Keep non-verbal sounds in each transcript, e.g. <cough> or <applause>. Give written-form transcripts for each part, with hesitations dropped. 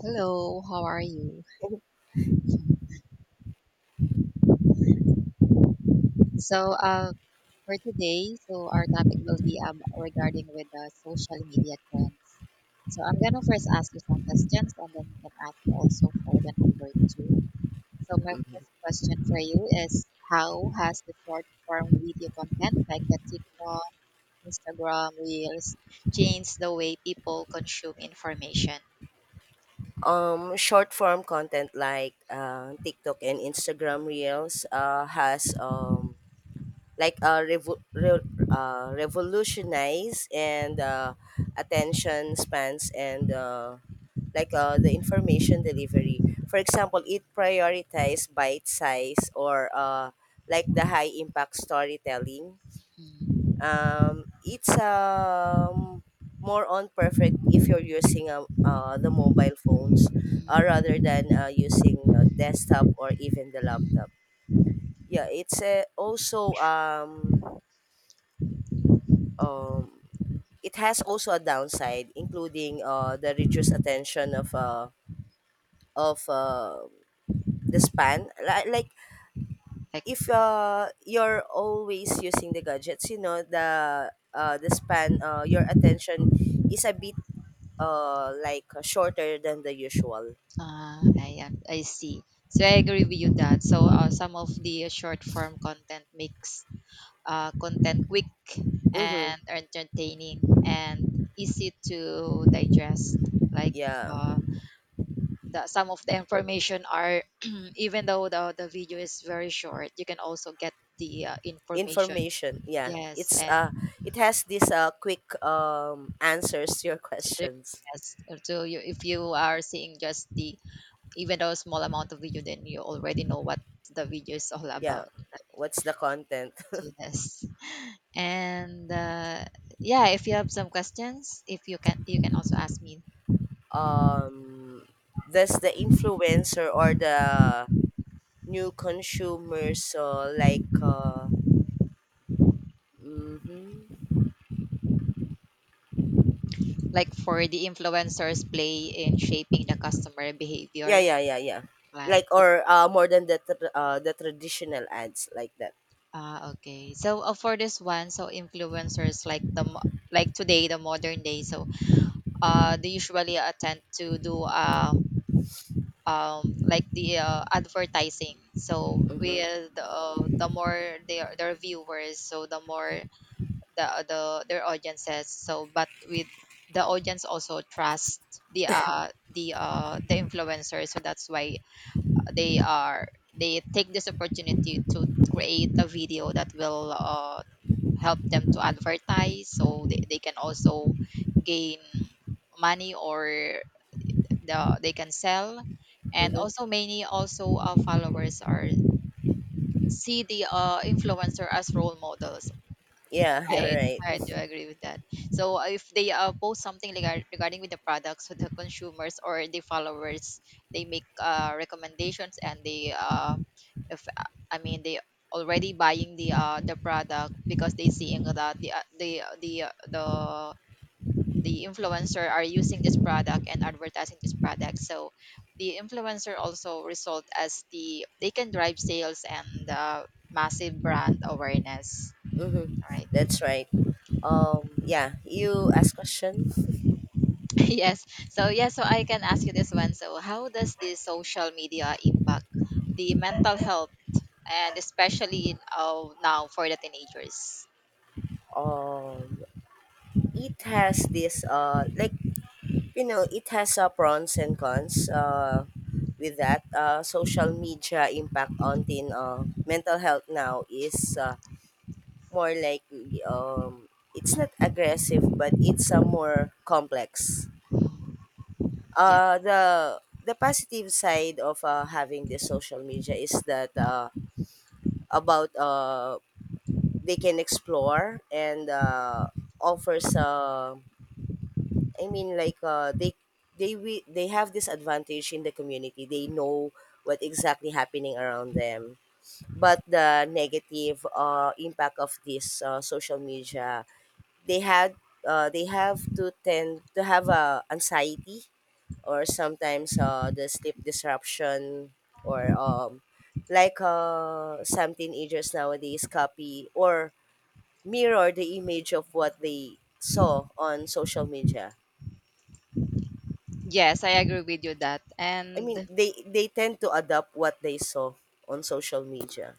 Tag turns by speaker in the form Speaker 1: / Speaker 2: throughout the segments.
Speaker 1: Hello, how are you? So, uh, for today, our topic will be regarding with the social media trends. So, I'm gonna first ask you some questions, and then you can ask me also for the number two. So, my
Speaker 2: Mhm.
Speaker 1: first question for you is, how has the short form video content like the TikTok, Instagram Reels changed the way people consume information?
Speaker 2: Short form content like TikTok and Instagram Reels has like uh, revo- re- revolutionized and attention spans and like the information delivery. For example, it prioritizes bite size or like the high impact storytelling.
Speaker 1: Hmm.
Speaker 2: It's More on perfect if you're using the mobile phones rather than using desktop or even the laptop. Yeah, it's also um, it has also a downside, including the reduced attention of the span. Like if you're always using the gadgets, you know the span, your attention is a bit shorter than the usual.
Speaker 1: Ah, ayan, I see. So I agree with you that. Some of the short form content makes content quick
Speaker 2: Mm-hmm.
Speaker 1: and entertaining and easy to digest. Like
Speaker 2: Yeah.
Speaker 1: uh, some of the information are, <clears throat> even though the video is very short, you can also get the information.
Speaker 2: Information. Yeah.
Speaker 1: Yes,
Speaker 2: It's
Speaker 1: and
Speaker 2: it has these quick answers to your <laughs>
Speaker 1: the-
Speaker 2: questions.
Speaker 1: yes. So you, if you are seeing just the even though small amount of video, then you already know what the video is all
Speaker 2: Yeah.
Speaker 1: about.
Speaker 2: What's the content? <laughs>
Speaker 1: Do this. And Yeah, if you have some questions, if you can, you can also ask me.
Speaker 2: Um does the influencer or the new consumers like mm-hmm.
Speaker 1: Like for the influencers' play in shaping the customer
Speaker 2: Yeah,
Speaker 1: behavior.
Speaker 2: yeah, yeah, yeah,
Speaker 1: Like,
Speaker 2: like or more than the traditional ads like that.
Speaker 1: ah, okay. For this one, so influencers like like today, the modern day. So they usually attend to do like the advertising. So
Speaker 2: Mm-hmm.
Speaker 1: with the more their viewers, so the more the the their audiences, so but with the audience also trust the influencer, so that's why they are they take this opportunity to create a video that will help them to advertise, so they can also gain money or they can sell, and
Speaker 2: Mm-hmm.
Speaker 1: also many also followers are see the influencer as role models.
Speaker 2: Yeah, <laughs> you're
Speaker 1: Right.
Speaker 2: right.
Speaker 1: Right, I do agree with that. If they post something regarding with the products, with the consumers or the followers, they make recommendations, and they if I mean they already buying the product because they seeing that the the influencer are using this product and advertising this product. So the influencer also result as the they can drive sales and massive brand awareness.
Speaker 2: Mm-hmm.
Speaker 1: Right.
Speaker 2: That's right. Yeah, you ask question.
Speaker 1: <laughs> Yes. So yeah, so I can ask you this one. So how does the social media impact the mental health, and especially now for the teenagers?
Speaker 2: Um, it has this like, you know, it has pros and cons. With that, social media impact on teen mental health now is more like um, it's not aggressive, but it's more complex.
Speaker 1: Yes.
Speaker 2: Uh, the the positive side of having this social media is that about they can explore and offers, I mean, like they have this advantage in the community. They know what exactly happening around them. But the negative impact of this social media, they had they have to tend to have anxiety or sometimes the sleep disruption or some teenagers nowadays copy or mirror the image of what they saw on social media.
Speaker 1: Yes, I agree with you that.
Speaker 2: I mean,
Speaker 1: And
Speaker 2: they tend to adopt what they saw on social media.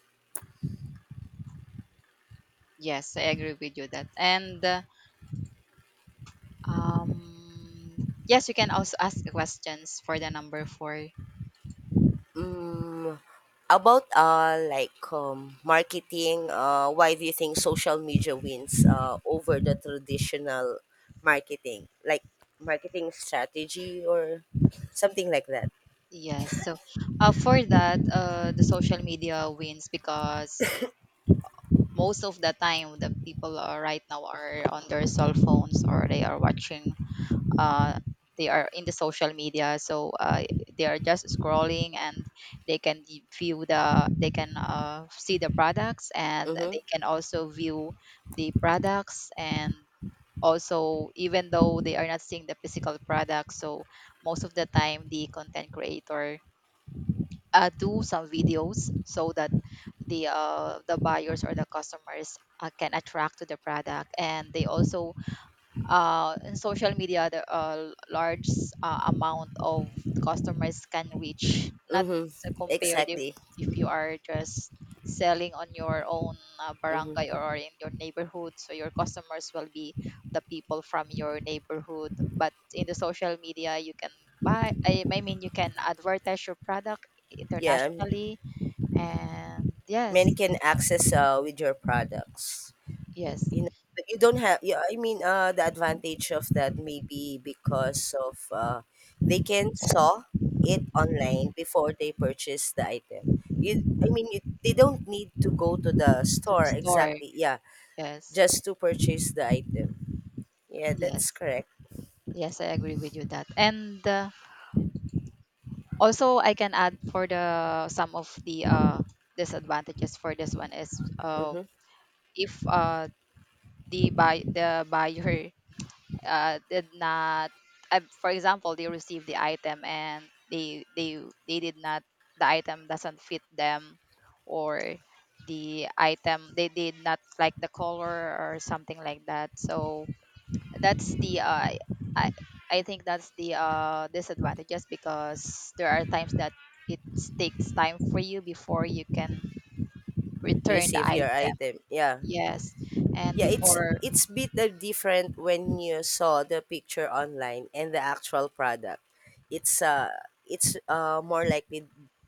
Speaker 1: yes, I agree with you that. And Yes, you can also ask questions for the number 4.
Speaker 2: Mm, about marketing, why do you think social media wins over the traditional marketing? Like marketing strategy or something like that.
Speaker 1: Yes. For that, the social media wins because most of the time the people are right now are on their cell phones, or they are watching uh they are in the social media, so they are just scrolling, and they can y- view the they can see the products, and
Speaker 2: Mhm.
Speaker 1: they can also view the products. And also, even though they are not seeing the physical product, so most of the time the content creator do some videos so that the buyers or the customers can attract to the product. And they also in social media the large amount of customers can reach, not
Speaker 2: Mhm.
Speaker 1: to compare
Speaker 2: Exactly.
Speaker 1: if you are just selling on your own
Speaker 2: Mhm.
Speaker 1: barangay, or in your neighborhood, so your customers will be the people from your neighborhood. But in the social media you can I mean you can advertise your product
Speaker 2: Yeah,
Speaker 1: internationally. And yes.
Speaker 2: many can access with your products.
Speaker 1: Yes.
Speaker 2: You know, but you don't have, yeah, I mean, the advantage of that may be because of they can saw it online before they purchase the item. You, I mean, you, They don't need to go to the
Speaker 1: To the
Speaker 2: store
Speaker 1: store.
Speaker 2: exactly. Yeah,
Speaker 1: Yes.
Speaker 2: just to purchase the item. Yeah,
Speaker 1: Yes.
Speaker 2: that's correct.
Speaker 1: Yes, I agree with you that. And Also I can add for the some of the disadvantages for this one is uh,
Speaker 2: Mm-hmm.
Speaker 1: if the buyer did not for example they received the item, and they they they did not the item doesn't fit them, or the item they did not like the color or something like that. So that's the I I think that's the disadvantages, because there are times that it takes time for you before you can return the
Speaker 2: Receive your
Speaker 1: item.
Speaker 2: item. Yeah.
Speaker 1: Yes, and
Speaker 2: Yeah, it's
Speaker 1: before
Speaker 2: it's bit different when you saw the picture online and the actual product. It's uh it's more likely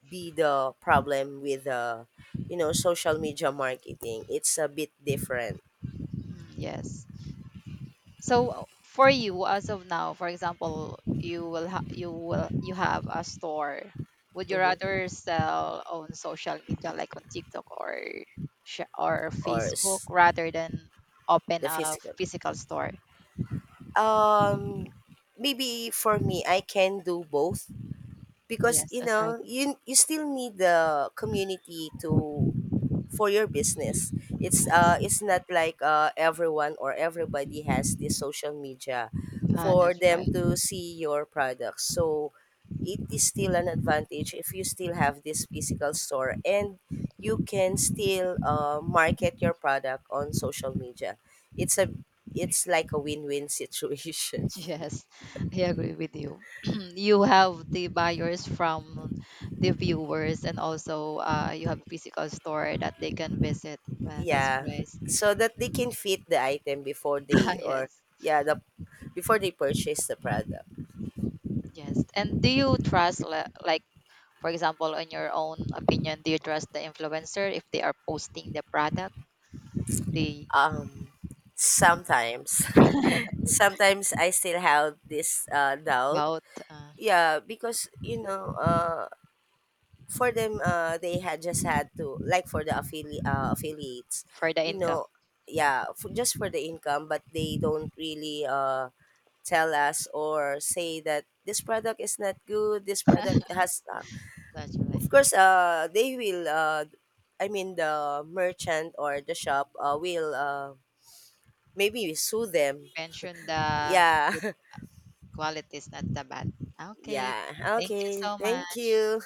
Speaker 2: be the problem with you know social media marketing. It's a bit different.
Speaker 1: mm, yes. So for you as of now, for example, you will you have a store. Would you
Speaker 2: Mm-hmm.
Speaker 1: rather sell on social media like on TikTok or or
Speaker 2: or
Speaker 1: Facebook
Speaker 2: s-
Speaker 1: rather than open
Speaker 2: the
Speaker 1: a
Speaker 2: physical.
Speaker 1: physical store?
Speaker 2: Um Maybe for me I can do both because
Speaker 1: Yes,
Speaker 2: you
Speaker 1: that's right.
Speaker 2: know you still need the community to for your business. It's
Speaker 1: I
Speaker 2: not like everyone or everybody has this social media
Speaker 1: ah,
Speaker 2: for
Speaker 1: that's
Speaker 2: them
Speaker 1: right. <laughs>
Speaker 2: to see your products. So it is still an advantage if you still have this physical store and you can still market your product on social media. It's a it's like a win-win situation.
Speaker 1: Yes, I agree with you. <clears throat> You have the buyers from the viewers, and also you have a physical store that they can visit.
Speaker 2: <laughs>
Speaker 1: Ah, that's
Speaker 2: Yeah,
Speaker 1: great.
Speaker 2: so that they can fit the item before they,
Speaker 1: <laughs>
Speaker 2: or
Speaker 1: Yes,
Speaker 2: yeah, the before they purchase the product.
Speaker 1: yes. And do you trust, like, for example, in your own opinion, do you trust the influencer if they are posting the product they
Speaker 2: Um, Sometimes.
Speaker 1: <laughs>
Speaker 2: <laughs> Sometimes I still have this doubt.
Speaker 1: out uh,
Speaker 2: Yeah, because you know, for them, they had just had to like for the affiliates,
Speaker 1: for the
Speaker 2: you
Speaker 1: income?
Speaker 2: know, yeah, for, just for the income, but they don't really tell us or say that this product is not good. This product has,
Speaker 1: That's right.
Speaker 2: of course, they will I mean the merchant or the shop will maybe sue them.
Speaker 1: Mention
Speaker 2: Yeah.
Speaker 1: the
Speaker 2: <laughs>
Speaker 1: quality is not that bad. Okay.
Speaker 2: Yeah.
Speaker 1: Thank you
Speaker 2: Okay.
Speaker 1: so
Speaker 2: Thank
Speaker 1: much.
Speaker 2: you.